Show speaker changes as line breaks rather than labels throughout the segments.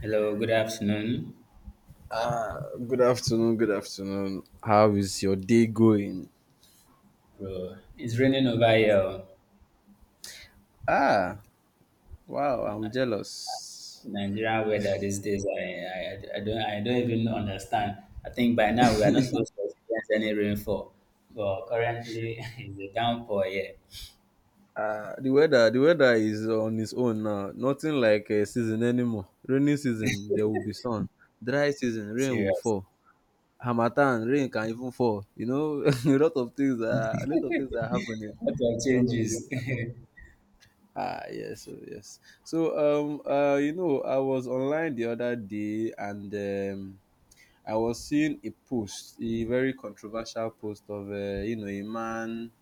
Hello, good afternoon,
Ah, good afternoon. Good afternoon. How is your day going?
bro. It's raining over here.
Ah, wow, I'm jealous.
Nigerian weather these days, I don't even understand. I think by now we are not supposed to experience any rainfall, but currently it's a downpour here.
Ah, the weather is on its own now. Nothing like a season anymore. Rainy season, there will be sun. Dry season, rain will
Serious.
fall. Hamatan, rain can even fall. You know, a lot of things are a lot of things are happening.
Lot of
A lot of things.
changes. Yes.
Ah, yes, so yes. You know, I was online the other day and I was seeing a post, a very controversial post of you know a man,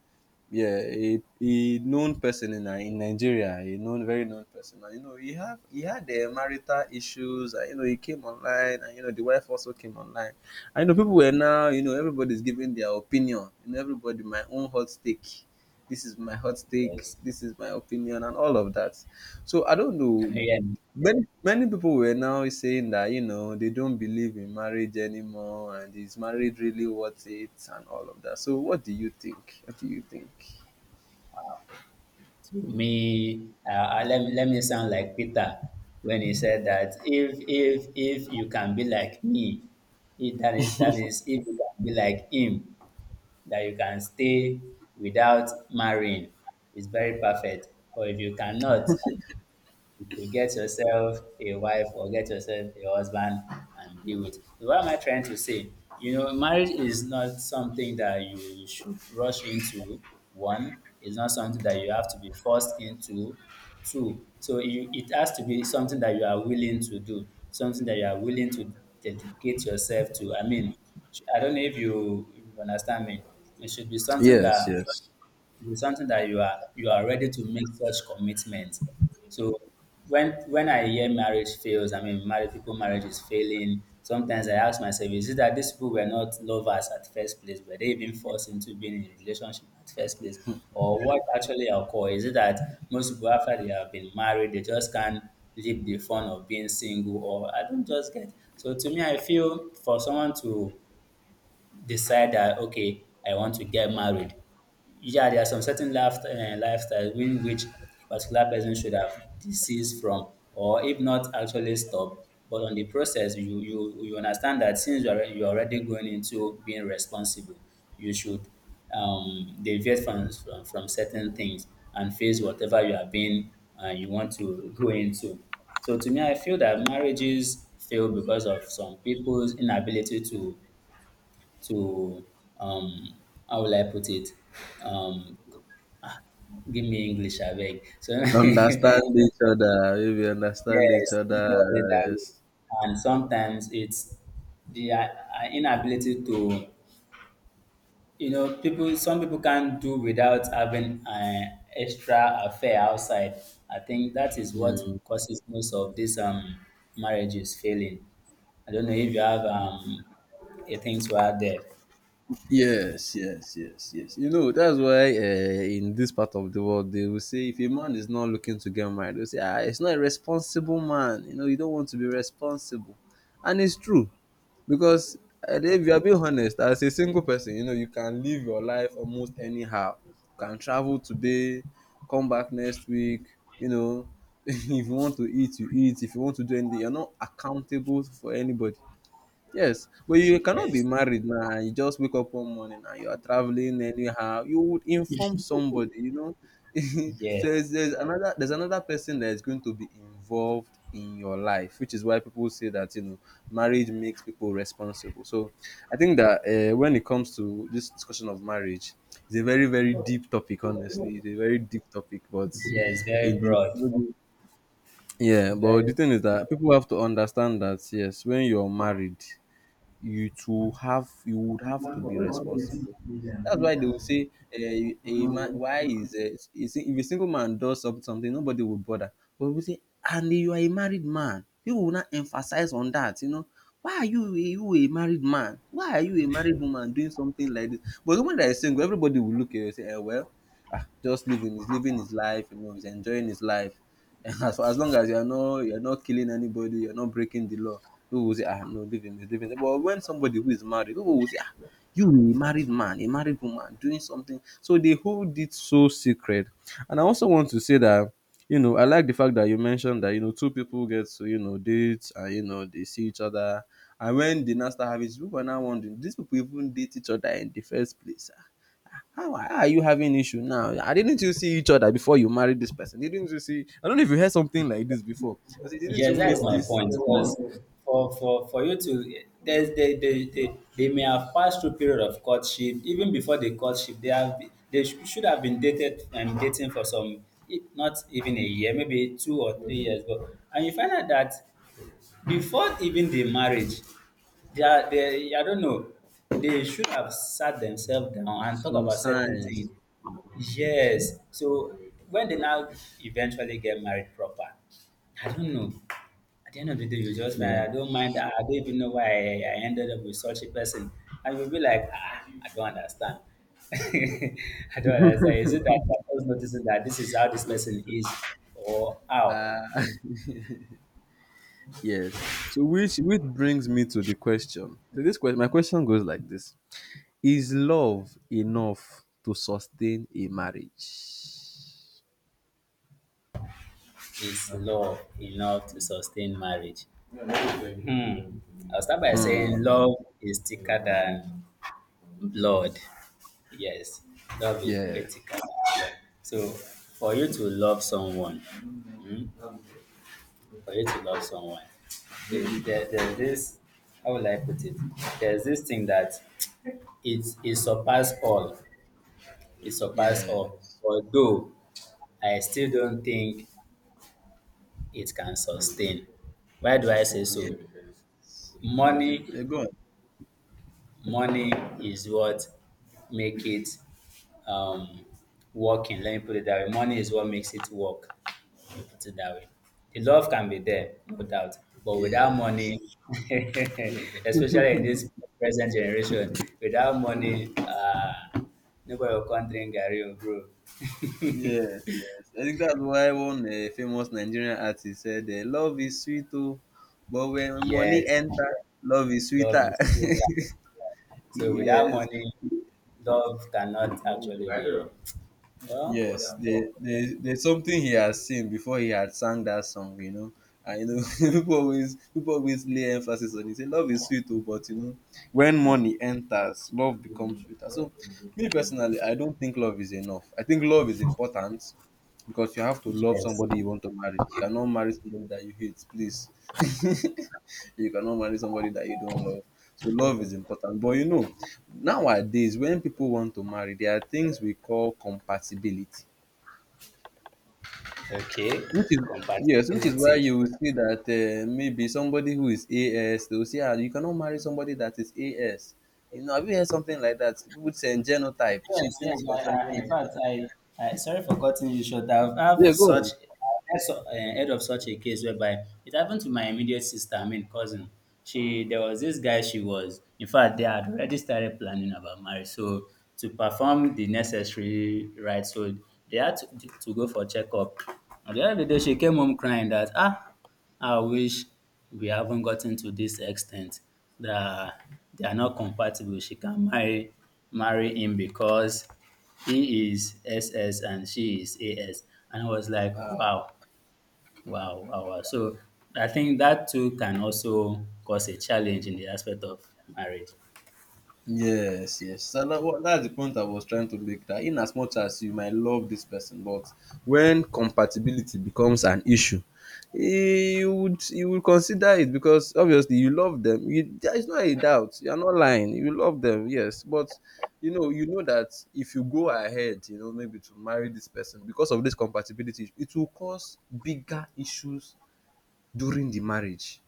yeah, a known person in in Nigeria, a known very known person. And, you know, he had marital issues. And, you know, he came online, and you know the wife also came online. I know people were now, you know, everybody's giving their opinion. You know, everybody my own hot take. This is my hot take. This is my opinion, and all of that. So I don't know,
Yeah.
many people were now saying that you know they don't believe in marriage anymore, and is marriage really worth it and all of that. So what do you think? What do you think?
To me, let me sound like Peter when he said that if you can be like me, that is if you can be like him that you can stay without marrying is very perfect. But if you cannot, you get yourself a wife or get yourself a husband and be with. What am I trying to say? You know, marriage is not something that you should rush into. One, it's not something that you have to be forced into. Two, so you, it has to be something that you are willing to do, something that you are willing to dedicate yourself to. I mean, I don't know if you understand me. It should be something
Yes,
that
yes.
it's something that you are ready to make such commitment. So when I hear marriage fails, I mean married people marriage is failing. Sometimes I ask myself, is it that these people were not lovers at first place? Were they even forced into being in a relationship at first place? Or what actually occurred? Is it that most people after they have been married, they just can't live the fun of being single, or I don't just get. So to me, I feel for someone to decide that, okay, I want to get married. Yeah, there are some certain life, lifestyle in which particular person should have deceased from, or if not, actually stop. But on the process, you understand that since you're already going into being responsible, you should deviate from, from certain things and face whatever you have been you want to go into. So to me, I feel that marriages fail because of some people's inability to um how will I put it? Um ah, give me English I beg. So yes,
Understand each other. If you understand each other,
let me put it that way.
yes.
And sometimes it's the inability to, you know, people some people can't do without having an extra affair outside. I think that is what
Mm.
causes most of these marriages failing. I don't know if you have a thing to add there.
Yes, yes, yes, yes. You know, that's why in this part of the world, they will say if a man is not looking to get married, they'll say, ah, it's not a responsible man. You know, you don't want to be responsible. And it's true. Because eh, if you are being honest as a single person, you know you can live your life almost anyhow. You can travel today, come back next week. You know, if you want to eat you eat, if you want to do anything, you're not accountable for anybody. Yes, but you cannot be
Yes.
married now and you just wake up one morning and you are traveling anyhow. You would inform somebody, you know.
Yeah.
So there's another person that is going to be involved in your life, which is why people say that you know marriage makes people responsible. So I think that when it comes to this discussion of marriage, it's a very deep topic. Honestly, it's a very deep topic, but
Yeah, it's very
in the
broad. It's
yeah, but the
very
thing is that people have to understand that yes, when you're married, you would have to be responsible. That's why they will say a man why is if a single man does something, nobody will bother. But we say, and you are a married man, people will not emphasize on that. You know, why are you a married man? Why are you a married woman doing something like this? But the one that is single, everybody will look at you and say, eh, well, ah, just living. He's living his life. You know, he's enjoying his life. As long as you're not killing anybody, you're not breaking the law, people will say, ah no, leave him, leave him. But when somebody who is married, people will say, ah, you a married man, a married woman doing something. So they hold it so secret. And I also want to say that, you know, I like the fact that you mentioned that, you know, two people get to, you know, date and you know they see each other. And when they now start having, people are now wondering, these people even date each other in the first place. Ah. How are you having issue now? I didn't, you see each other before you married this person? Didn't you see? I don't know if you heard something like this before. I said, didn't
yes.
you
That's
meet
my
this?
point. Because for you to there's they may have passed through period of courtship even before the courtship they have should have been dated and dating for some not even a year maybe 2 or 3 years, but and you find out that before even the marriage they are they, I don't know, they should have sat themselves down and talk
Some
about certain things.
signs.
Yes, so when they now eventually get married proper, I don't know, at the end of the day you just find I don't mind
Yes.
I don't even know why I ended up with such a person and you'll be like, ah, I don't understand. I don't understand. Is it that I was noticing that this is how this person is or how
Uh, yes. So which brings me to the question. So this question, my question goes like this: is love enough to sustain a marriage?
is love enough to sustain marriage? Hmm. I'll start by saying
Hmm.
love is thicker than blood. Yes, love is very
Yes.
thicker than blood. So, for you to love someone, hmm, for you to love someone, there's this, how will I put it? There's this thing that it surpasses all. It surpasses all.
Yes.
Although I still don't think it can sustain. Why do I say
Yeah.
so? Money,
Eh, go on.
money is what make it um, working. Let me put it that way. Money is what makes it work. Let me put it that way. The love can be there, no doubt, but without
Yes.
money, especially in this present generation, without money, nobody will come drink garri, oh, brew.
Yes, yes. I think that's why one famous Nigerian artist said, "Love is sweet, oh, but when money
Yes,
enter, love is
love
sweeter."
is sweeter. So without
Yes.
money, love cannot actually be. Well,
Yes, there's something he has seen before he had sang that song, you know. And you know, people always lay emphasis on it. Say love is sweet, oh, but you know, when money enters, love becomes sweeter. So, me personally, I don't think love is enough. I think love is important because you have to love
yes.
somebody you want to marry. You cannot marry somebody that you hate, please. You cannot marry somebody that you don't love. So love is important. But you know, nowadays when people want to marry, there are things we call compatibility,
Okay,
which is yes, which is why
compatibility.
you will see that maybe somebody who is, as they will say, ah, you cannot marry somebody that is as, you know, have you heard something like that? People would say genotype, so
Yes, yes.
things concerning
In fact, I sorry for cutting you short. I've
yeah, go
such
on.
I've heard heard of such a case whereby it happened to my immediate sister, I mean cousin. She there was this guy she was. In fact, they had already started planning about marriage. So to perform the necessary rites, so they had to go for checkup. And the other day, she came home crying that ah. I wish we haven't gotten to this extent that they are not compatible. She can marry him because he is SS and she is AS. And I was like, wow, wow. So I think that too can also cause a challenge in the aspect of marriage.
Yes, yes. So that, that's the point I was trying to make, that in as much as you might love this person, but when compatibility becomes an issue, eh, you would consider it because obviously you love them. You, there is no a doubt. You are not lying. You love them, yes. But you know that if you go ahead, you know, maybe to marry this person because of this compatibility, it will cause bigger issues during the marriage.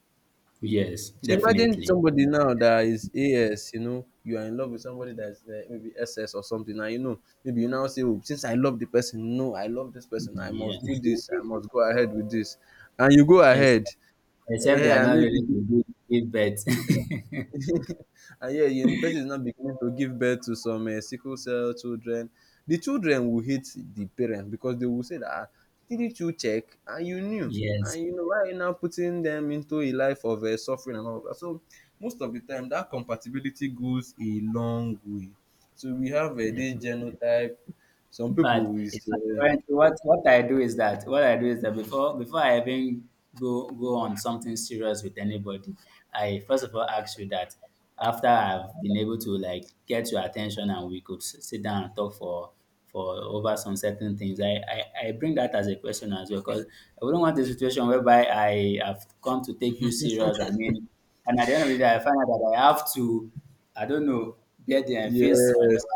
Yes,
So imagine
definitely.
somebody now that is AS, you know, you are in love with somebody that is maybe SS or something, and you know, maybe you now say, oh, since I love the person, no, I love this person, I
Yeah.
must do this, I must go ahead with this. And you go
Ex-
ahead,
Except they
eh,
are
and
not ready
maybe
to give birth.
and yeah, university is now beginning to give birth to some sickle cell children. The children will hate the parents because they will say that, "Ah, didn't you check and you knew and
Yes,
you know why are you now putting them into a life of suffering and all of that." So most of the time, that compatibility goes a long way. So we have this
definitely.
genotype. Some
But
people is
it's like currently what I do is that before I even go on something serious with anybody, I first of all ask you that after I've been able to like get your attention and we could sit down and talk for over some certain things. I bring that as a question as well because I wouldn't want a situation whereby I have come to take you serious. I mean, and at the end of the day, I find out that I have to, I don't know, bear the and face whatever.
yes.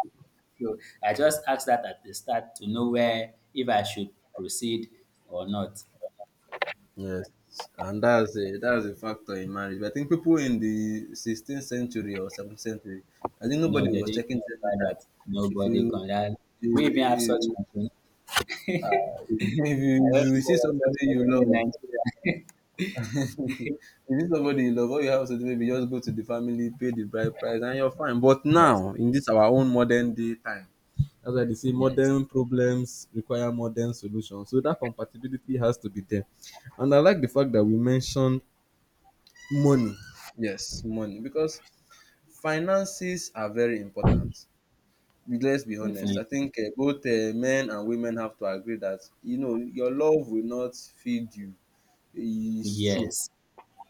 So I just asked that at the start to know where if I should proceed or not.
Yes, and that's a factor in marriage. But I think people in the 16th century or 17th century, I think
No,
nobody
they
was
didn't
checking
consider
genotype.
that.
If
Nobody
you
can. That- We even have such
if,
machine.
uh, if you
I
if
don't
you
think there
see
was
somebody
such
you
machine in
love,
Nigeria.
if you see somebody you love, all you have to do, maybe just go to the family, pay the bride price, and you're fine. But
Yes,
now in this our own modern day time, that's why they say
yes,
modern problems require modern solutions. So that compatibility has to be there. And I like the fact that we mentioned money. Yes, money, because finances are very important. Let's be honest. I
definitely.
think both men and women have to agree that you know your love will not feed you. It's true.
Yes,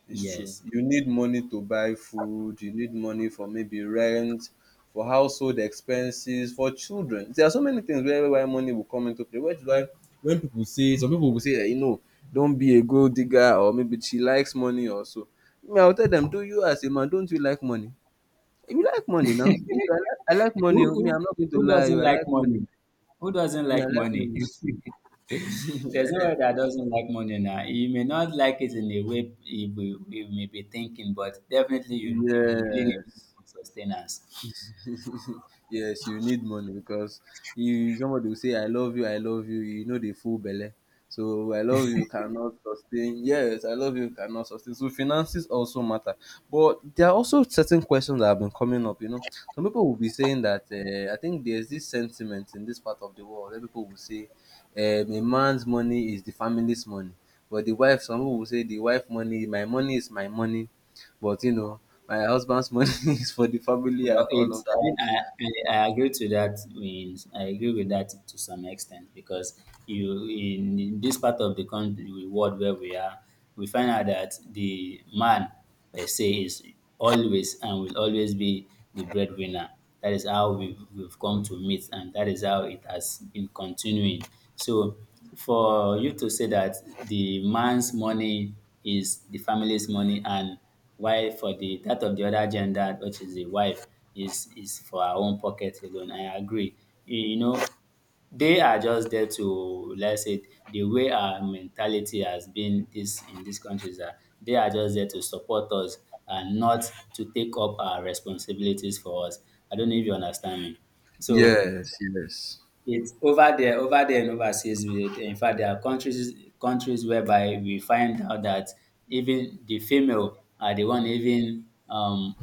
It's true.
yes.
You need money to buy food, you need money for maybe rent, for household expenses, for children. There are so many things where why money will come into play. Which is why when people say, some people will say that you know, don't be a gold digger, or maybe she likes money or so. Me, I'll tell them, do you as a man, don't you like money? You like money now. Me too, I like money.
Who,
Oh. Me,
who,
I'm not going to
who
lie,
doesn't
oh, I
like
like money.
money? Who doesn't
Me, I
like
like
money?
money.
There's nobody that doesn't like money now. You may not like it in the way you may be thinking, but definitely you really need it
Yes.
for sustenance.
Yes, you need money because you, somebody will say I love you, you know, the full belly. So I love you cannot sustain. Yes, I love you cannot sustain. So finances also matter, but there are also certain questions that have been coming up. You know, some people will be saying that I think there's this sentiment in this part of the world where people will say a man's money is the family's money, but the wife. Some people will say the wife money, my money is my money, but you know my husband's money is for the family
Well,
and all of
it's
that.
I agree to that. Means I agree with that to some extent because you in this part of the country, the world where we are, we find out that the man per se is always and will always be the breadwinner. That is how we've come to meet, and that is how it has been continuing. So, for you to say that the man's money is the family's money and while for the that of the other gender, which is the wife, is for her own pocket alone. I agree. You know, they are just there to let's say the way our mentality has been this in these countries that they are just there to support us and not to take up our responsibilities for us. I don't know if you understand me. So
Yes, yes,
it's over there, and overseas. In fact, there are countries whereby we find out that even the female are the one even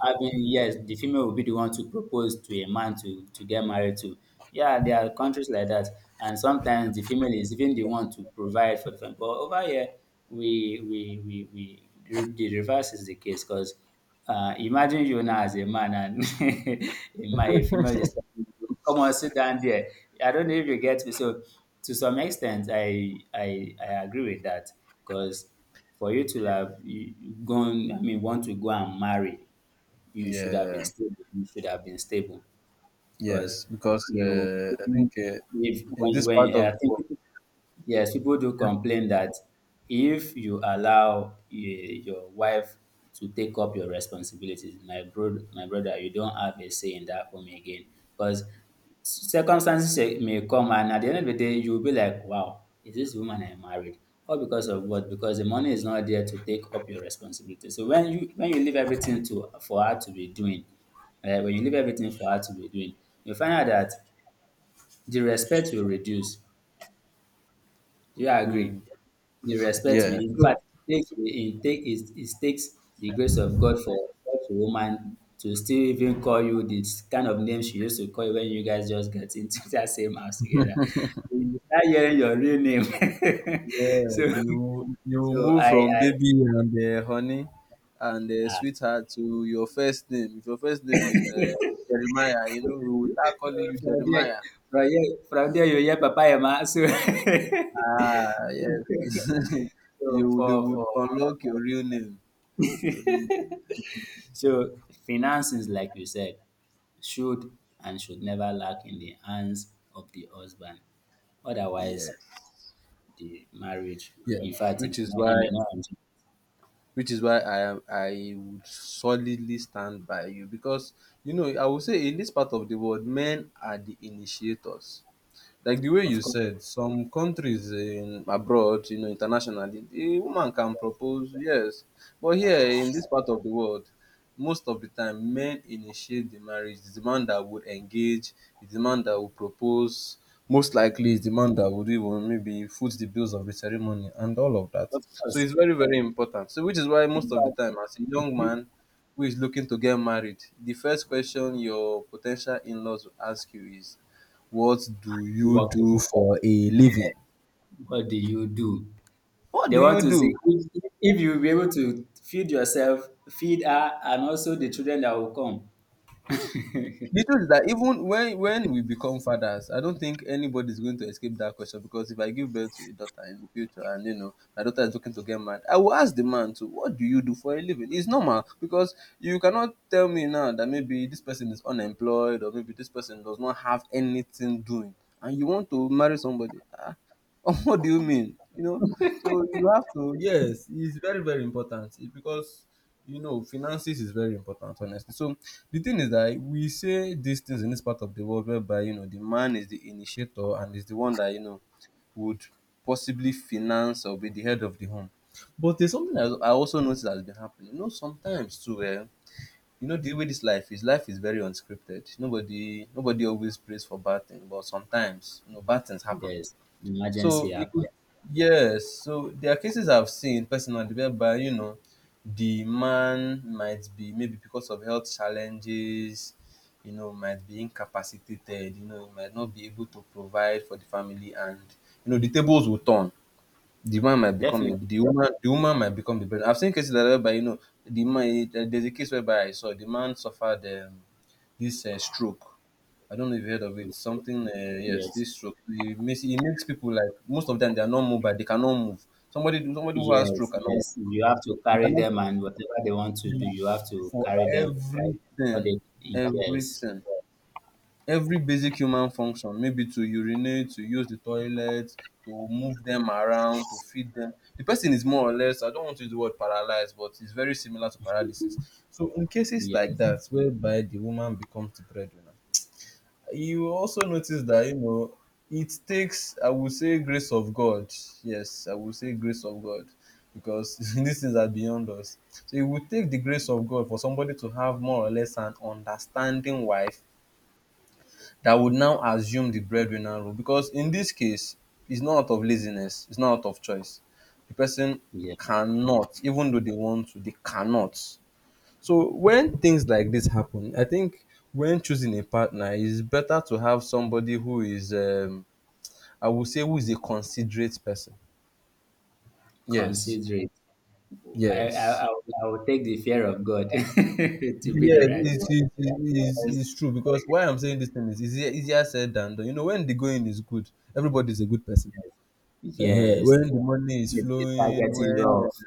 I mean, yes, the female will be the one to propose to a man to get married to. Yeah, there are countries like that. And sometimes the female is even the one to provide for the family. But over here, we the reverse is the case because imagine you now as a man and a female is telling you, come on, sit down there. I don't know if you get me. So, to some extent, I agree with that because for you to have you- gone, I mean, want to go and marry you should have been
yeah,
stable. You should have been stable because
yes. Because
you
I think
shouldn't- if
in
when
this part
when I
of the
think
world,
yes, people do complain that if you allow eh, your wife to take up your responsibilities, my brother, you don't have a say in that home again. Because circumstances eh, may come, and at the end of the day, you'll be like, "Wow, is this woman I married?" All because of what? Because the money is not there to take up your responsibilities. So when you leave everything to for her to be doing, when you leave everything for her to be doing, you find out that the respect will reduce. Do you agree?
hmm,
The respect we
yeah.
in fact
So
it takes it take it it takes the grace of God for such a woman to still even call you this kind of name she used to call you when you guys just get into that same house together. You start hearing your real name. So
yes, you
so
move from
I
baby and honey and
ah,
sweetheart to your first name. If your first name is Jeremiah, you know we will start calling you
from there,
Jeremiah.
from there you hear Papa Emma. So
Ah, yes.
so
You, they would
for
unlock your real name. Your real name.
so finances, like you said, should and should never lack in the hands of the husband. Otherwise,
Yes.
the marriage, in
Yes.
fact, it
Which
may
is
not,
why
it may not enjoy.
which is why I would solidly stand by you because you know I would say in this part of the world men are the initiators, like the way
Of
you
course,
said, some countries in abroad, you know, internationally, a woman can propose, yes. But here in this part of the world, most of the time, men initiate the marriage. It's the man that would engage, it's the man that would propose. Most likely, it's the man that would even maybe foot the bills of the ceremony and all of that.
of
So
course.
it's very, very important. So, which is why most
In
of the time,
fact,
as a young
people
man who is looking to get married, the first question your potential in laws will ask you is, what do you
working
do for a
there,
living?
what do you do?
What
They
do
want
you
to
do?
see if you'll be able to feed yourself, feed her, and also the children that will come.
The truth is that even when we become fathers, I don't think anybody is going to escape that question, because if I give birth to a daughter in the future and you know my daughter is looking to get married, I will ask the man to what do you do for a living? It's normal because you cannot tell me now that maybe this person is unemployed or maybe this person does not have anything doing and you want to marry somebody. Ah, what do you mean? You know, so you have to, yes, it's very, very important. It's because, you know, finances is very important, honestly. So the thing is that we say these things in this part of the world whereby, you know, the man is the initiator and is the one that, you know, would possibly finance or be the head of the home. But there's something that I also noticed that has been happening. You know, sometimes too, you know, the way this life is very unscripted. Nobody, nobody always prays for bad things, but sometimes, you know, bad things happen.
Yes, emergency
So it could,
happen.
yes. So there are cases I've seen personally whereby you know the man might be maybe because of health challenges, you know, might be incapacitated. You know, he might not be able to provide for the family, and you know the tables will turn, the man might become a,
Definitely.
the woman might become the breadwinner. I've seen cases like that whereby you know there's a case whereby I saw the man suffered this stroke. I don't know if you heard of
Okay.
it. Something, yes,
Yes,
this stroke. It makes people, like, most of them they are not mobile. They cannot move. Somebody who has stroke
yes,
cannot
yes. You have to
you
carry
cannot
them, and whatever they want to
do
do, you have to
for
carry them. But
everything,
they, yes,
everything every basic human function, maybe to urinate, to use the toilet, to move them around, to feed them. The person is more or less, I don't want to use the word paralyzed, but it's very similar to paralysis. So in cases like
yes,
that whereby the woman becomes the breadwinner, you will also notice that, you know, it takes, I would say, grace of God. Yes, I would say grace of God, because these things are beyond us. So it would take the grace of God for somebody to have more or less an understanding wife that would now assume the breadwinner role, because in this case, it's not out of laziness, it's not out of choice. The person
yeah.
cannot, even though they want to, they cannot. So when things like this happen, I think when choosing a partner, it's better to have somebody who is I would say, who is a considerate person. Yes,
Consider it. I, I,
yes.
I, will- I will take the fear of God to be
Yeah,
the right one.
it's, it's, it's,
Because,
it's true, because why I'm saying this thing is, easier said than done. You know, when the going is good, everybody's a good person. Ehen,
yes,
when the money is
it start
flowing,
getting
when,
rough.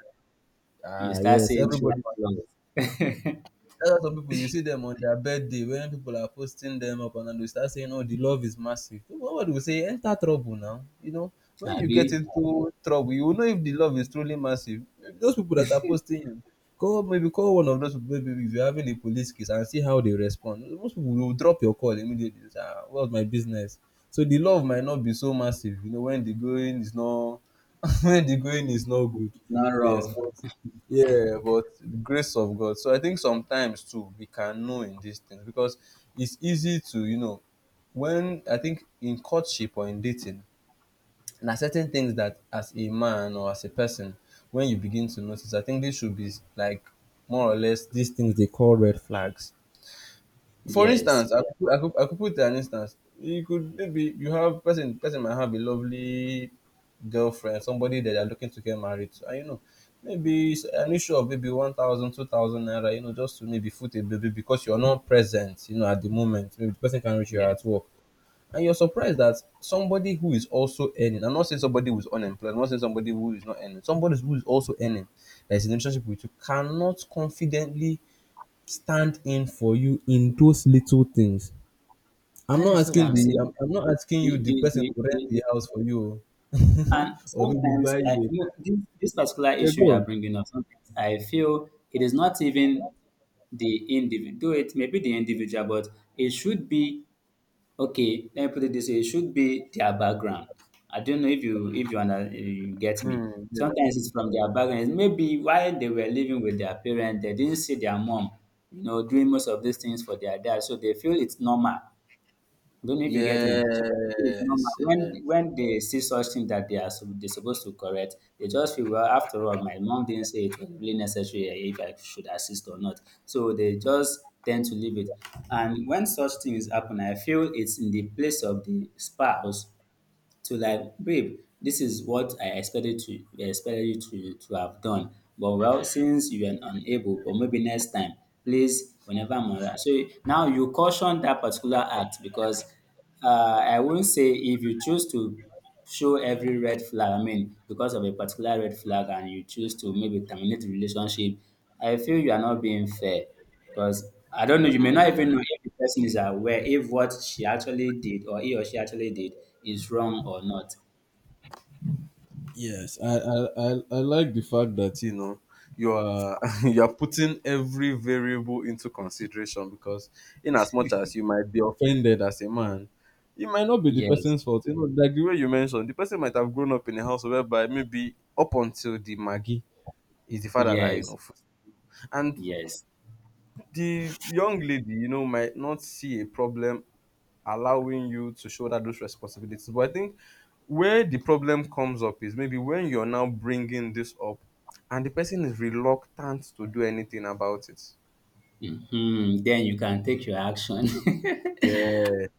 You start
yes,
seeing true
everybody,
colors.
that's why some people, you see them on their birthday when people are posting them up and then they start saying, "Oh, the love is massive." Nobody will say, "Enter trouble now." You know, when you get
Abi,
into trouble, you will know if the love is truly massive. Those people that are posting you, call maybe call one of those people, maybe if you're having a police case, and see how they respond. Most people will drop your call immediately. They say, what's my business? So the love might not be so massive, you know, when the going is not when the going is not
it's
good.
not
Yes,
rough.
but yeah, but grace of God. So I think sometimes too we can know in these things, because it's easy to, you know, when I think, in courtship or in dating, there are certain things that, as a man or as a person, when you begin to notice, I think this should be, like, more or less, these things they call red flags. For
Yes,
instance, I could put an instance. You could, maybe you have, person might have a lovely girlfriend, somebody that they're looking to get married to, and you know, maybe it's an issue of maybe 1,000, 2,000 naira, you know, just to maybe foot a baby because you're not present, you know, at the moment. Maybe the person can reach you at
yes.
work. And you're surprised that somebody who is also earning, I'm not saying somebody who is unemployed, I'm not saying somebody who is not earning, somebody who is also earning, that is in a relationship with you, cannot confidently stand in for you in those little things. I'm
That
not
is what
asking
I'm
the
saying.
I'm, I'm not asking you,
The,
the
the,
person,
the,
to rent
the,
the house for you. Oh.
And
Or maybe buy
sometimes, I,
you
you know, this particular
a, yeah,
issue
go
you are
on.
bringing up, sometimes I feel it is not even the individual, though it may be the individual, but it should be. Okay, let me put it this way: it should be their background. I don't know if you, under, you get me.
Mm, yeah.
Sometimes it's from their background. Maybe while they were living with their parents, they didn't see their mom, doing most of these things for their dad, so they feel it's normal. I don't know if you get me. So people normal.
Yes.
When they see such thing that they supposed to correct, they just feel well. After all, my mom didn't say it was really necessary, if I should assist or not. So they just tend to leave it. And when such things happen, I feel it's in the place of the spouse to, like, babe, this is what I expected you to have done. But well, since you are unable, but maybe next time, please, whenever I'm around, so now you caution that particular act, because I won't say if you choose to show every red flag, I mean, because of a particular red flag, and you choose to maybe terminate the relationship, I feel you are not being fair, because I don't know, you may not even
Mm.
know if the person is aware if what she actually did, or he or she actually did, is wrong or not.
Yes, I like the fact that, you know, you are you are putting every variable into consideration, because in as much as you might be offended as a man, it might not be the
Yes,
person's fault. You know, like the way you mentioned, the person might have grown up in a house whereby maybe up until the Maggie is the father that, you
yes,
know, and
yes.
the young lady, you know, might not see a problem allowing you to shoulder those responsibilities. But I think where the problem comes up is maybe when you're now bringing this up and the person is reluctant to do anything about it.
Hmm, then you can take your action.
Yeah,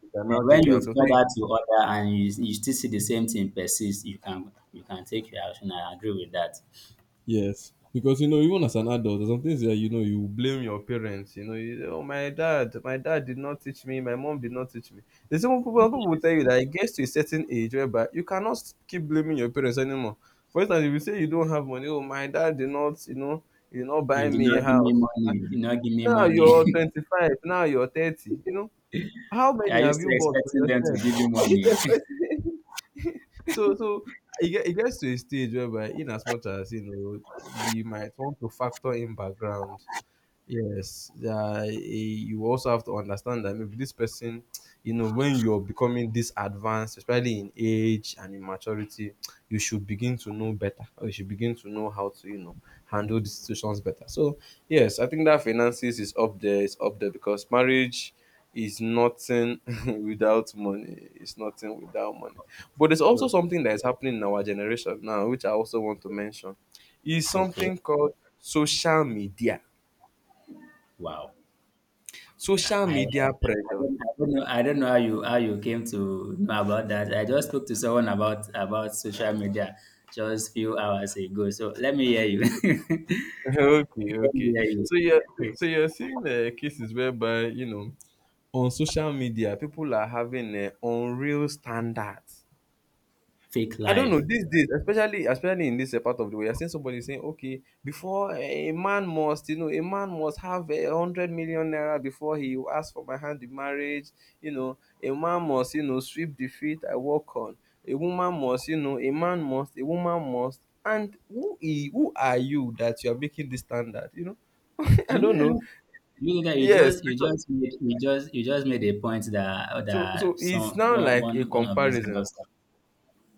you can now
And when
take your
you've
action. So,
called out to order and you still see the same thing persist, you can take your action. I agree with that.
yes, because you know, even as an adult, there's some things that, you know, you blame your parents. You know, you say, oh, my dad did not teach me, my mom did not teach me. There's even people will tell you that it gets to a certain age whereby you cannot keep blaming your parents anymore. For instance, if you say you don't have money, oh, my dad did not, you know, he did not
Yeah,
buy
did
me a
not give me
house.
money. Did not give me
Now
money.
you're 25, now you're 30. You know, how many
I
have
used to
you bought for
expecting them to
yourself?
give you
Are you
money.
self So it gets to a stage whereby, in as much as you know you might want to factor in background. Yes, you also have to understand that maybe this person, you know, when you're becoming this advanced, especially in age and in maturity, you should begin to know better, or you should begin to know how to, you know, handle the situations better. So, yes, I think that finances is up there, it's up there, because marriage is nothing without money, it's nothing without money. But there's also something that is happening in our generation now, which I also want to mention, is
Okay.
something called social media.
Wow. Yeah,
Social
I, I
media pressure.
don't, I don't know. I don't know how you came to know about that. I just spoke to someone about social media just few hours ago. So let me hear you.
Okay,
Let me
okay.
hear
So you're
you.
so you're seeing cases whereby, you know, on social media people are having unreal standards.
Fake
I don't know
life.
these days, especially in this part of the world, you're seeing somebody saying, "Okay, before a man must, you know, a man must have, 100 million naira before he will ask for my hand in marriage. You know, a man must, you know, sweep the feet I walk on. A woman must, you know, a man must, a woman must." And who are you that you are making this standard? You know,
Do
I
you know
don't know.
that? You know that
Yes, because
you just made a point that
so
some
it's now
one
like a
one one of these
comparison.
girls.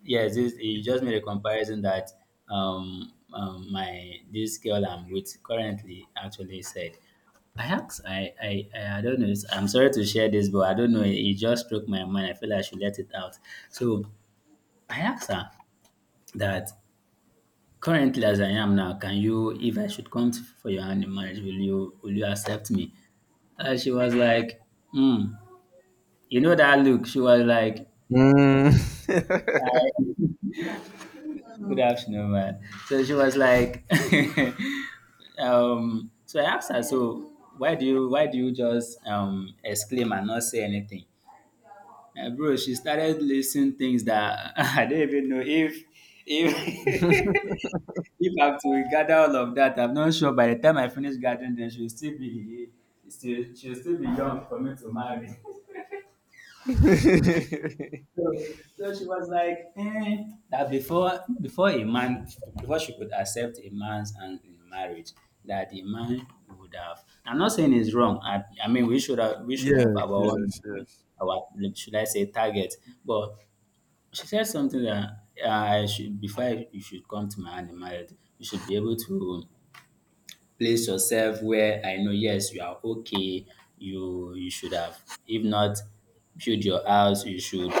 Yes, you just made a comparison that my this girl I'm with currently actually said. I asked, I don't know. I'm sorry to share this, but I don't know. It just struck my mind. I feel I should let it out. So I asked her that currently, as I am now, if I should come for your hand in marriage, will you accept me? And she was like, hmm. You know that look. She was like,
Mm.
I, good afternoon, man. So she was like, so I asked her, so why do you just exclaim and not say anything? And bro, she started listing things that I don't even know if if if I have to gather all of that. I'm not sure by the time I finish gathering, then she'll still be young for me to marry. So, so, she was like, eh, that before she could accept a man's hand in marriage, that the man would have. I'm not saying it's wrong. I mean we should have
Yes,
our own,
yes, yes.
our, should I say, target. But she said something that, I should before you should come to my hand in marriage, you should be able to place yourself where I know, yes, you are okay. You should have, if not build your house, you should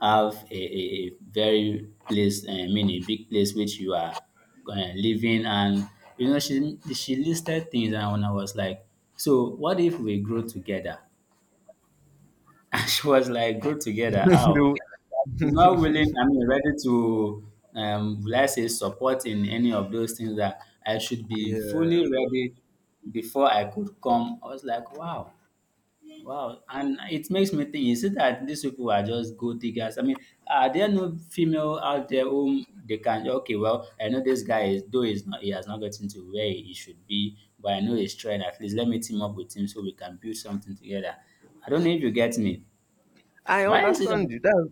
have a very place, I mean, a big place which you are living. And, she listed things, and when I was like, so what if we grow together? She was like, go together. How?
The-
She's not willing, I mean, ready to, let's say, support in any of those things that I should be
yeah,
fully ready before I could come. I was like, wow, wow. And it makes me think, is it that these people are just go diggers? I mean, are there no female out there whom okay, well, I know this guy is, though he's not, he has not gotten to where he should be, but I know he's trying. At least let me team up with him so we can build something together. I don't know if you get me.
I
Why is it that
understand you. That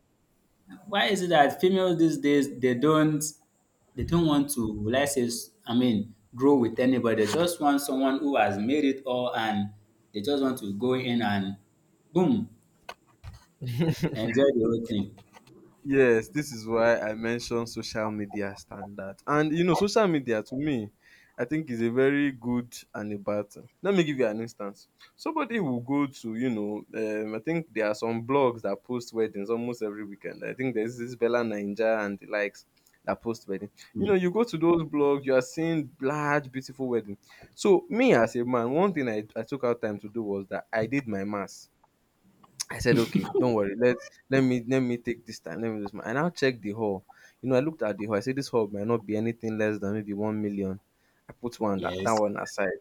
why is it that females these days they don't want to, let's say, I mean, grow with anybody. They just want someone who has made it all and they just want to go in and boom, enjoy the whole thing.
Yes, this is why I mentioned social media standard. And you know, social media to me, I think is a very good and a bad thing. Let me give you an instance. Somebody will go to, you know, I think there are some blogs that post weddings almost every weekend. I think there's this Bella Ninja and the likes that post wedding. You
Hmm.
know, you go to those blogs, you are seeing large, beautiful wedding. So me as a man, one thing I took out time to do was that I did my mass. I said, okay, don't worry. Let me take this time. Let me just, and I'll check the hall. You know, I looked at the hall. I said this hall might not be anything less than maybe 1 million. I put one that
Yes,
one aside.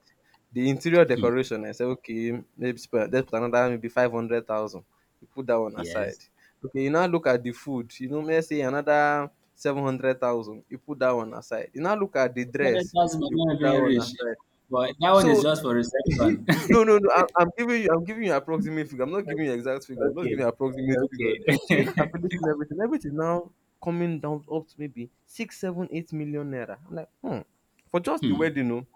The interior decoration, I said, okay, maybe let's put another maybe 500,000. You put that one
yes.
aside. Okay, you now look at the food. You know, let's say another 700,000. You put that one aside. You now look at the dress.
200,000 might
You put
not
that
even
one
reach,
aside.
but that one is
So
just for reception.
No, no, no. I'm giving you. I'm giving you approximate figure. I'm not giving you exact figure. I'm not giving
Okay,
you approximate figures. So you're not
okay.
calculating everything. Everything now coming down up to maybe six, seven, 8 million naira. I'm like, hmm. For just the
Hmm.
wedding, no.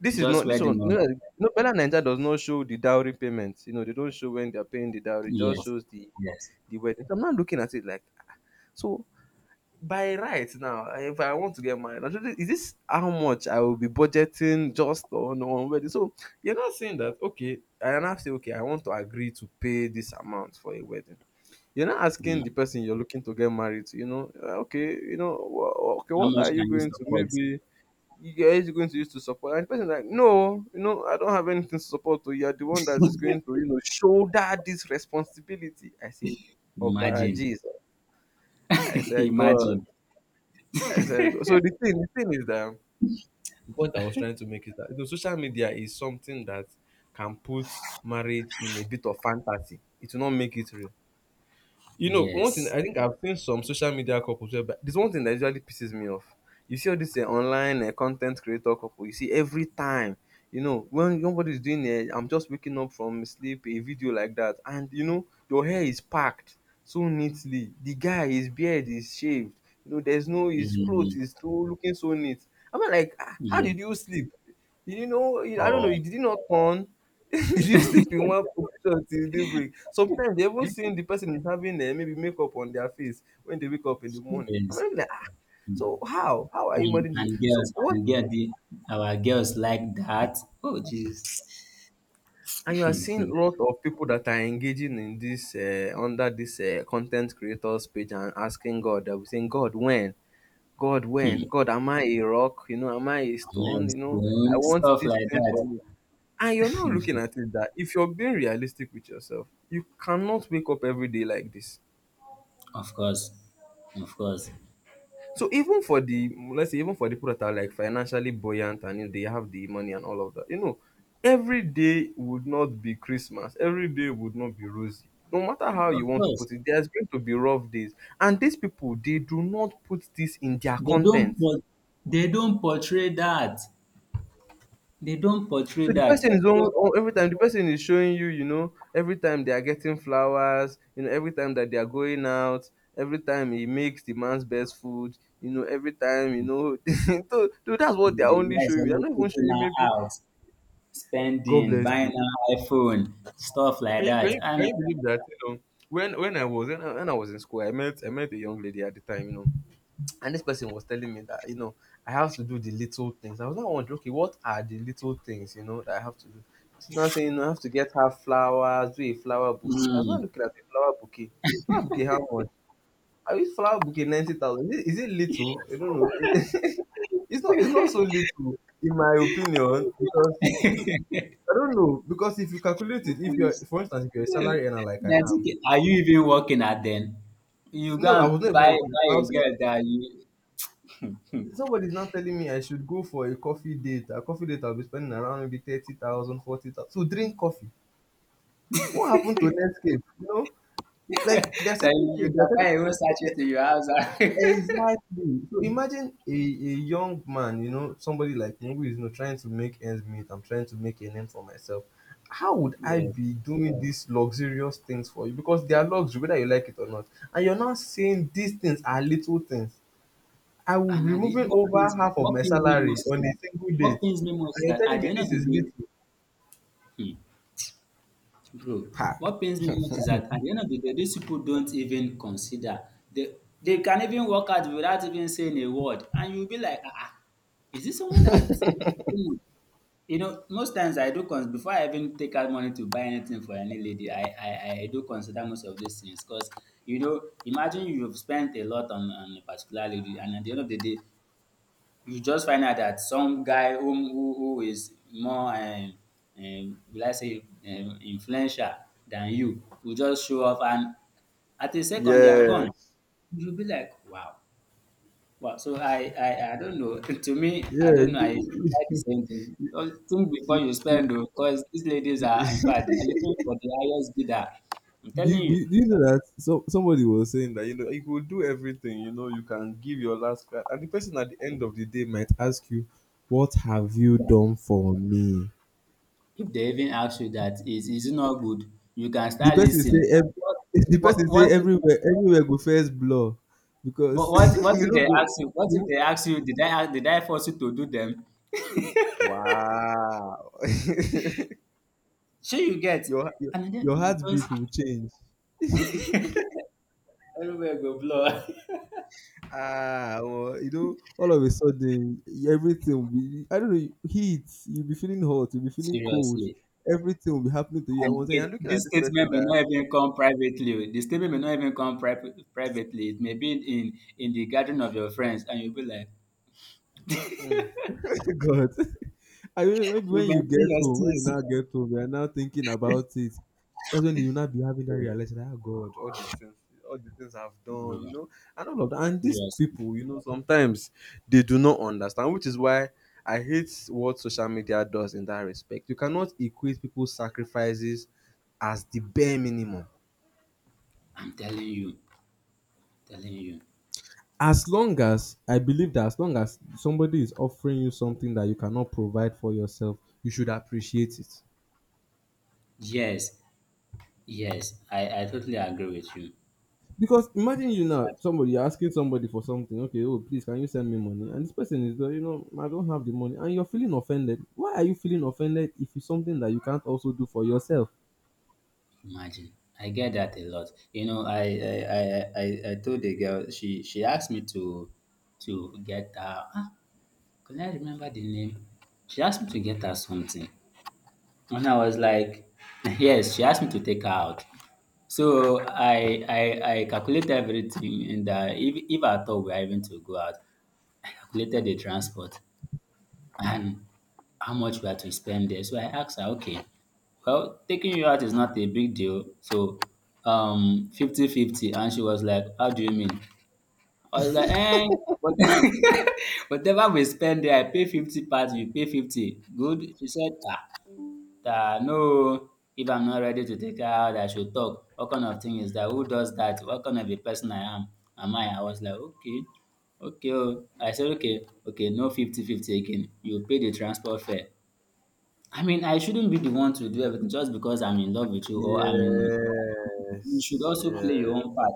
This is
Just
not this
wedding,
one. No,
no?
no. Bella Ninja does not show the dowry payments. You know, they don't show when they're paying the dowry. It just
Yes,
shows the
yes.
the wedding. So I'm not looking at it like, so by right now if I want to get married, I'm sure is this how much I will be budgeting just on wedding. So you're not saying that, okay, I now say, okay, I want to agree to pay this amount for a wedding. You're not
Hmm.
asking the person you're looking to get married to, you know, okay, you know okay,
How
what are
much
you
can you
going to
support?
maybe you going to use to support, and the person is like, no, you know, I don't have anything to support. So you're the one that is going to, you know, shoulder this responsibility. I said, obara
Imagine.
Jesus. I said, God.
Imagine.
I said, so the thing is that the point I was trying to make is that, you know, social media is something that can put marriage in a bit of fantasy. It will not make it real. You know, one thing,
Yes.
I think I've seen some social media couples where, but there's one thing that usually pisses me off. You see all this online content creator couple, you see every time, you know, when nobody's doing it, I'm just waking up from sleep, a video like that, and you know, your hair is packed so neatly. The guy, his beard is shaved, you know, there's no, his clothes
Mm,
is so looking so neat. I'm like, "Ah, how
yeah.
did you sleep? Did you know? I don't know,
Oh,
did you not turn? Did you sleep in one position till daybreak?" Sometimes they even seen the person is having maybe makeup on their face when they wake up in the morning.
yes.
I'm like, "Ah,
Mm.
so how? How are you
And,
managing? "
and
So
girls,
what?
and girl, the, our girls like that. Oh, jeez.
And you are seeing a lot of people that are engaging in this under this content creators page and asking God. They'll be saying, God, when? God, when?
My
God, am I a rock? You know, am I a stone? You know, I
spoon,
want
stuff
these
like
things for
that.
me. And you're not looking at it that if you're being realistic with yourself, you cannot wake up every day like this.
Of course. Of course.
So even for the, let's say even for the people that are like financially buoyant and, you know, they have the money and all of that, you know, every day would not be Christmas. Every day would not be rosy. No matter how
Of
you want to
course.
put it, there's going to be rough days. And these people, they do not put this in their
They don't
content.
por- they don't portray that. They don't portray
So the
that.
person is on,
So
on every time the person is showing you, you know, every time they are getting flowers, you know, every time that they are going out, every time he makes the man's best food, you know, every time, you know, so that's what they
the
are
the
only
guy is
showing me. I'm
always
not even
taking
showing you
her
maybe,
out,
God
spending,
bless
buying
you.
her iPhone, stuff like that.
Can you
And
believe that? You know, when I was in school, I met a young lady at the time, you know. And this person was telling me that, you know, I have to do the little things. I was not wondering, okay, what are the little things, you know, that I have to do? She's now saying, you know, I have to get her flowers, do a flower bouquet. I was not
mm.
looking at a flower bouquet. Flower bouquet, how much? I use flower bouquet 90,000. Is it little? I don't know. It's not so little, in my opinion, because I don't know. Because if you calculate it, if you're,
Please.
for instance, if you're a salary earner like I
That's
am,
okay. Are you even working at then? You go
no, I
and
was not even
buy
working.
buy
I
a
was saying,
girl that you
somebody is now telling me I should go for a coffee date. A coffee date I'll be spending around maybe 30,000, forty thousand, 40,000 to drink coffee. What happened to Netscape? You know, like there are
that
certain
you
things.
can
There are certain,
buy a whole
there-
sachet
there-
to your house.
exactly. So imagine a young man, you know, somebody like me who is, you know, trying to make ends meet. I'm trying to make a name for myself. How would I
Yes.
be doing these luxurious things for you? Because they are luxury, whether you like it or not. And you're not saying these things are little things. I will
And
be
at the
removing
what
over
pains
half of
what
my
pains me
salary
most is
on a
that
single
what
date,
pains me most
and
is
you're
that
telling
at the
me
end of
this
the
is little.
day, hmm, bro,
Ha.
what pains me most is that at the end of the day, these people don't even consider, they they can even walk out without even saying a word, and you'll be like, ah, ah, is this someone that, hmm. You know, most times I do cons before I even take out money to buy anything for any lady, I do consider most of these things, because you know, imagine you've spent a lot on a particular lady, and at the end of the day, you just find out that some guy who is more, will I say, influential than you, will just show off, and at a second they are
Yeah.
gone. You'll be like, wow, well, so I don't know. To me, I
Yeah,
don't know. I try the same thing. Don't think before
you,
you
you,
spend, though, because these ladies
do,
are, in
you,
fact, they are looking for the highest bidder. I'm
do
telling you,
you do you know that, so, somebody was saying that, you know, you could do everything, you know, you can give your last card, and the person at the end of the day might ask you, "What have you
that
done for me?"
if they even ask you, that is it not good, you can
The
start
person say,
listening.
every
What,
"The
what,
person
what,
say everywhere, everywhere go first blur,"
what,
because
what, what
you
if
know,
they
go
ask you? What if
you.
they ask you? Did I force you to do them?
Wow.
Sure, you get,
Your your
and then
your
you just
heartbeat will change.
everywhere go blow.
Ah, well, you know, all of a sudden everything will be, I don't know, heat, you'll be feeling hot, you'll be feeling cold,
Seriously.
everything will be happening to you at once, and you're looking at
This
this
statement
person
may
that,
not even come privately. Oh. The statement may not even come privately. It may be in the gathering of your friends, and you'll be like,
hmm. God. I mean, maybe
"You
when you
maintain
get
your
home, when you now
steeze."
get home, you are now thinking about it. That's when you will not be having that realization. Oh God, all the things I've done, you
Bro,
know, and all of that. And these
seriously,
people, you know, sometimes they do not understand, which is why I hate what social media does in that respect. You cannot equate people's sacrifices as the bare minimum.
I'm telling you, telling you.
As long as, I believe that as long as somebody is offering you something that you cannot provide for yourself, you should appreciate it.
Yes, yes, I totally agree with you.
Because imagine you now,
But
somebody, you're asking somebody for something. Okay, oh please, can you send me money? And this person is like, you know, I don't have the money, and you're feeling offended. Why are you feeling offended if it's something that you can't also do for yourself?
imagine, I get that a lot. You know, I, I told the girl she asked me to get her. Can I remember the name? She asked me to get her something. And I was like, yes, she asked me to take her out. So I calculated everything and if I thought we are even to go out, I calculated the transport and how much we had to spend there. So I asked her, okay, well, taking you out is not a big deal. So 50-50. And she was like, how do you mean? I was like, eh, but whatever we spend there, I pay 50 parts, you pay 50. Good. She said, ah, that no, if I'm not ready to take her out, I should talk. What kind of thing is that? Who does that? What kind of a person I am? Am I? I was like, okay, okay. Oh, I said, okay, okay, no 50 fifty 50 again. You pay the transport fare. I mean, I shouldn't be the one to do everything just because I'm in love with you, or I mean, you should
Yes,
also play
yeah,
your own part.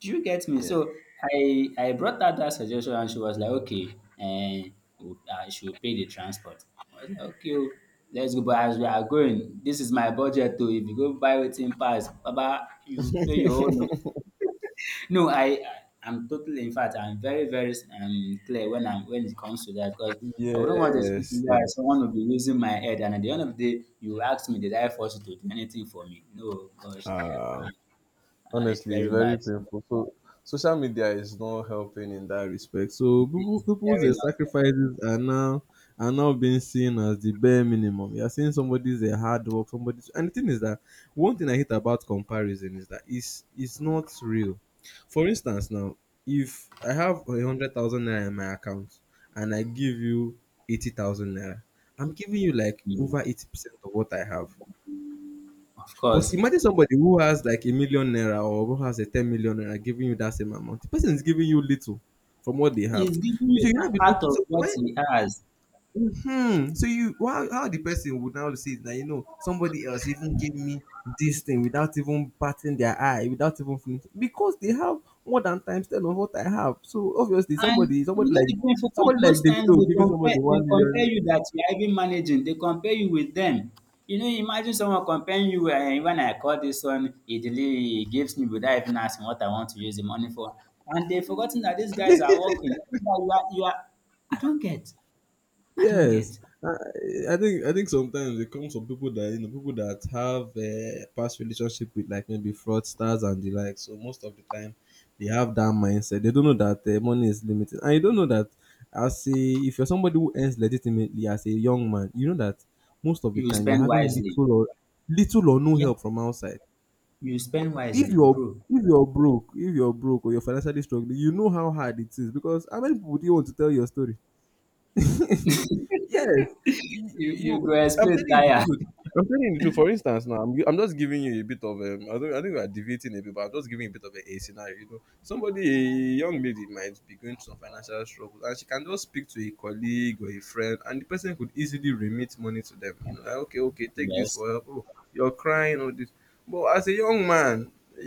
Do you get me?
yes,
So I brought out that suggestion, and she was like, okay, and she will pay the transport. I was like, okay, oh, let's go. But as we are going, this is my budget too. If you go buy within pass, Baba, you pay your own. Oh, no, I'm totally. In fact, I'm very very clear when I'm when it comes to that because. I wouldn't want to see
yes,
why
yeah.
someone will be losing my head, and at the end of the day, you ask me, did I force you to do anything for me? No, gosh,
Ah,
uh, it's
honestly, it's
very
very
bad.
painful. So social media is not helping in that respect. So people
It's
people's
very not.
sacrifices are now being seen as the bare minimum. You're seeing somebody's a hard work, somebody's, and the thing is that one thing I hate about comparison is that it's not real. For instance, now, if I have 100,000 naira in my account and I give you 80,000 naira, I'm giving you like
Mm,
over 80% of what I have.
of
But
course.
imagine somebody who has like a million naira, or who has a 10 million naira, giving you that same amount. The person is giving you little from what they have.
He's giving
So
you
you now
a-
be
out
looking.
of
So
what
when,
he has.
so you, how the person would now see that, you know, somebody else even gave me this thing without even batting their eye, without even finishing, because they have more than times ten of what I have. So obviously
And
somebody,
you
somebody
know
like
the painful part,
somebody like
most times
Davido giving somebody
they
one
compare
million
you that you're even managing, they compare you with them. You know, imagine someone comparing you when I call this one, he delay, he gives me without even asking what I want to use the money for. And they've forgotten that these guys are working. You are I don't get. I don't
Yes,
get.
I I think sometimes it comes from people that, you know, people that have past relationship with, like maybe fraudsters and the like. So most of the time, they have that mindset. They don't know that, money is limited, and you don't know that as a if you're somebody who earns legitimately as a young man, you know that most of the
You
time you're
spend
having
wisely.
little or no
Yeah,
help from outside.
you spend
If
wisely,
you're
bro.
if you're broke or you're financially struggling, you know how hard it is, because how many people do you want to tell your story?
You
Yes, you, you.
go
I'm
explain
telling you the
tire.
truth. I'm telling you the truth. For instance, now I'm just giving you a bit of I don't. I think we are deviating a bit, but I'm just giving you a bit of a scenario. You know, somebody, a young lady, might be going through some financial struggles, and she can just speak to a colleague or a friend, and the person could easily remit money to them. You know, like, okay, take this
Yes.
for help. Oh, you're crying or this. But as a young man,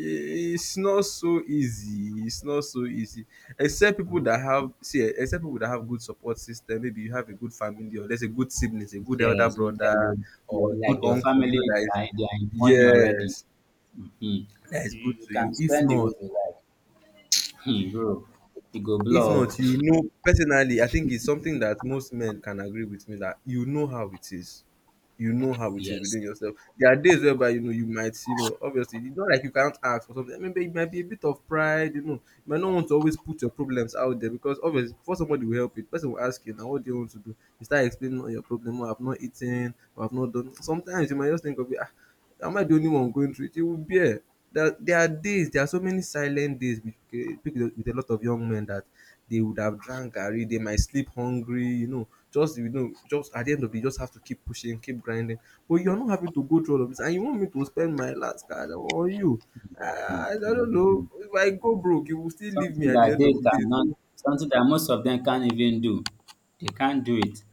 it's not so easy. It's not so easy except people that have good support system, maybe you have a good family or there's a good siblings, a good elder
Yes, you tell
brother
you,
or a
you like
good
your
uncle, you know,
family,
that is,
they are in money already.
yes,
Hmm,
that is good to you. If not,
hmm, bro, you go blow.
you know, personally, I think it's something that most men can agree with me that you know how it is
Yes.
within yourself. There are days whereby, you know, you might, you know, obviously it's not like you can't ask for something. Maybe it might be a bit of pride, you know. You might not want to always put your problems out there because obviously before somebody will help you, the person will ask you now, what do you want to do? You start explaining all your problem, oh, I've not eaten, or I've not done. Sometimes you might just think of it, ah, am I the only one going through it? It will bear. There are days, there are so many silent days with, with a lot of young men that they would have drank Gary, they might sleep hungry, just, just at the end of the day, you just have to keep pushing, keep grinding. But you're not having to go through all of this. And you want me to spend my last card on you?
Hmm,
I don't
hmm, hmm.
know. If I go broke, you will still leave me
Something
at the
that
end
they
of the day.
cannot,
So
something that most of them can't even do. They can't do it.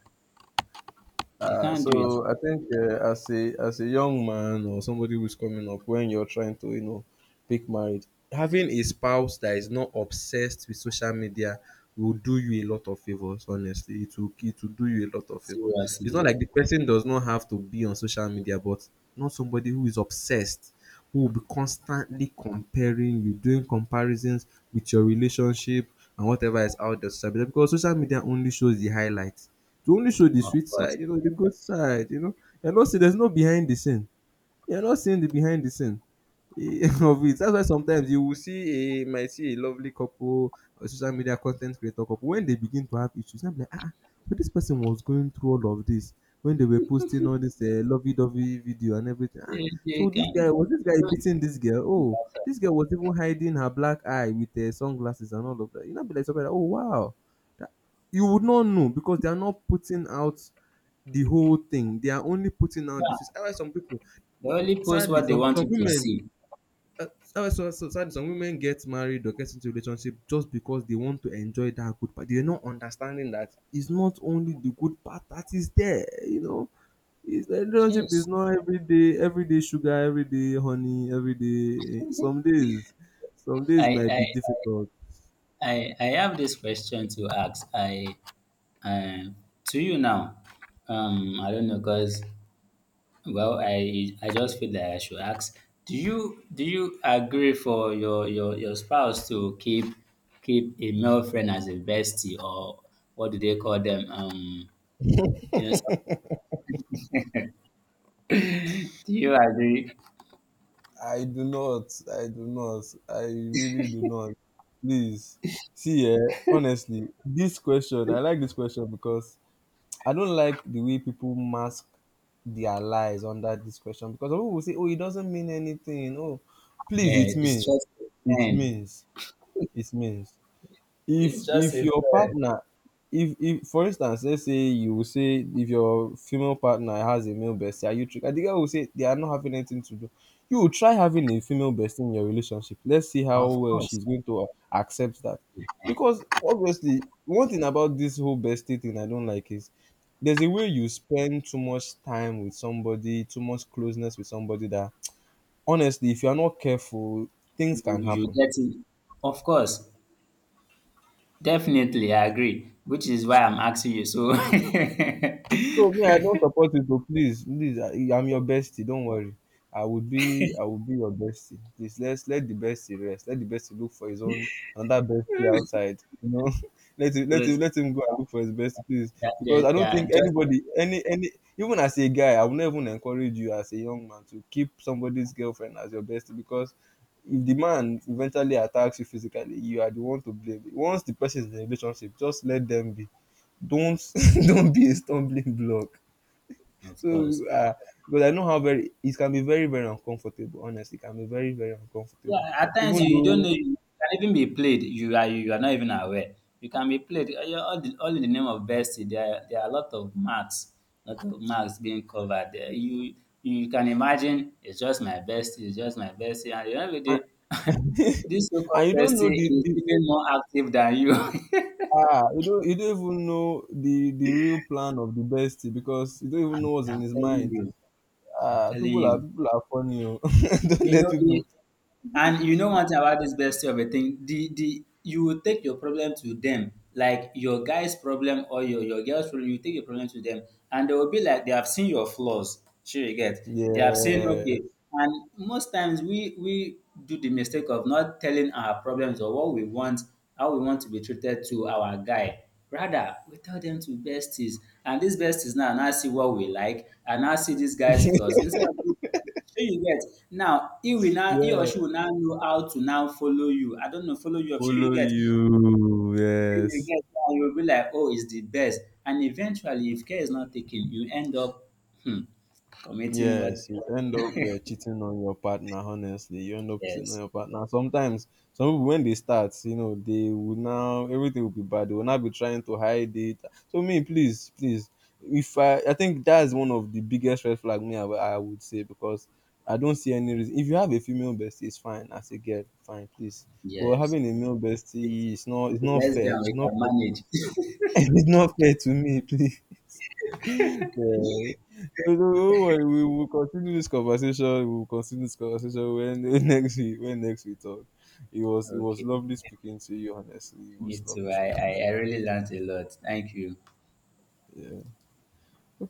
They
Uh,
can't do it.
so I think, as a young man or somebody who's coming up, when you're trying to, you know, pick marriage, having a spouse that is not obsessed with social media will do you a lot of favors. Honestly, it will, it will do you a lot of favors. It's not
Seriously,
like the person does not have to be on social media, but not somebody who is obsessed, who will be constantly comparing you, doing comparisons with your relationship and whatever is out there. Social media, because social media only shows the highlight, to only show the
of
sweet
course.
side, you know, the good side, you know. And also, there's no behind the scene. You're not seeing the behind the scene of it. That's why sometimes you will see a, might see a lovely couple or social media content creator couple, when they begin to have issues, I'm like, ah, ah, but this person was going through all of this when they were posting all this lovey-dovey video and everything. Ah,
They
so this guy
can.
was, this
They
guy
don't
beating this girl.
do it by
Oh,
themselves.
this girl was even hiding her black eye with sunglasses and all of that. You know, be like somebody like, oh wow, that, you would not know because they are not putting out the whole thing. They are only putting out the truth.
Yeah,
Alright, some people.
they only post
Sadly,
what they
some
want
some
you to
women,
see.
sadly, some women get married or get into relationship just because they want to enjoy that good part. They're not understanding that it's not only the good part that is there. You know, it's, the relationship
Yes.
is not every day, every day sugar, every day honey, every day. Some days
I,
might
I,
be difficult.
I have this question to ask. I um, to you now. I don't know, cause well, I just feel like I should ask. Do you agree for your spouse to keep a male friend as a bestie, or what do they call them? You know, so, do you agree?
I do not. I do not. I really do not. Please. See, eh, honestly, this question, I like this question because I don't like the way people mask their lies under this question, because some people will say, "Oh, it doesn't mean anything." Oh, please,
Yeah,
it
it's
means,
just a
it
friend.
means, it means,
It's
if
just a
your
friend.
partner, if for instance, let's say, you will say if your female partner has a male bestie, are you trigger? The girl will say they are not having anything to do. You will try having a female bestie in your relationship, let's see how
Of
well
course,
she's going to accept that.
eh,
Because obviously one thing about this whole bestie thing I don't like is there's a way you spend too much time with somebody, too much closeness with somebody, that honestly if you're not careful, things
you
can happen.
get it. Of course, definitely, I agree. Which is why I'm asking you. So.
So me, I don't support it, oh, please, please. I'm your bestie. Don't worry. I will be your bestie. Please, let's let the bestie rest. Let the bestie look for his own, another bestie outside. You know, let him,
Because
let him go and look for his bestie, please.
that
Because I
they
don't
are
think
just
anybody, even as a guy, I would never even encourage you as a young man to keep somebody's girlfriend as your bestie, because if the man eventually attacks you physically, you are the one to blame. Once the person is in a relationship, just let them be. Don't don't be a stumbling block.
of
So
course.
uh, because I know how very it can be, very very uncomfortable. Honestly, it can be very very uncomfortable.
Yeah, at times
Even
you don't know
though
you can even be played. You are not even aware. You can be played. Uh, yeah, all, the, all in the name of bestie. There are a lot of marks being covered. There. You can imagine it's just my bestie. It's just my bestie. And at the end of the day,
and,
this so-called
and you don't
bestie
know the,
is
the
even more active than you.
ah, you don't, you don't even know the real plan of the bestie, because you don't even know what's in
I'm
his
telling
mind.
you. I'm
Ah,
telling you.
people are funny. Oh. Don't
You
let
know,
people.
it, and you know one thing about this bestie of a thing, the you will take your problem to them, like your guy's problem or your girl's problem, you take your problem to them, and they will be like they have seen your flaws. Sure, you get. They have seen
Yeah,
okay, and most times we do the mistake of not telling our problems or what we want, how we want to be treated to our guy. Rather, we tell them to besties, and these besties now see what we like, and now see these guys' flaws instead of Shey you get? Now he or
yeah.
she will now know how to now follow you. I don't know, follow you up. Sure you
Follow
get?
you.
Shey you
Yes.
get? Now you will be like, "Oh, it's the best." And eventually, if care is not taken, you end up hmm, committing
Yes,
what?
you end up cheating on your partner. Honestly, you end up cheating on
Yes,
your partner. Sometimes, some people when they start, you know, they will now, everything will be bad. They will not be trying to hide it. So me, please, please, if I, I think that's one of the biggest red flag, me, I would say, because I don't see any reason. If you have a female bestie, it's fine. As a girl, fine, please. But
yes.
having a male
Yes.
bestie, it's not
Let's be
fair. It's
we
not,
can manage.
it's not fair to me, please. Yeah, no, no, don't worry. We will continue this conversation. We will continue this conversation when next we when next we talk. It was
Okay,
lovely speaking to you. Honestly, it
me
was
too.
lovely
I,
speaking
I
to
I really learned a lot. Thank you.
you. Yeah.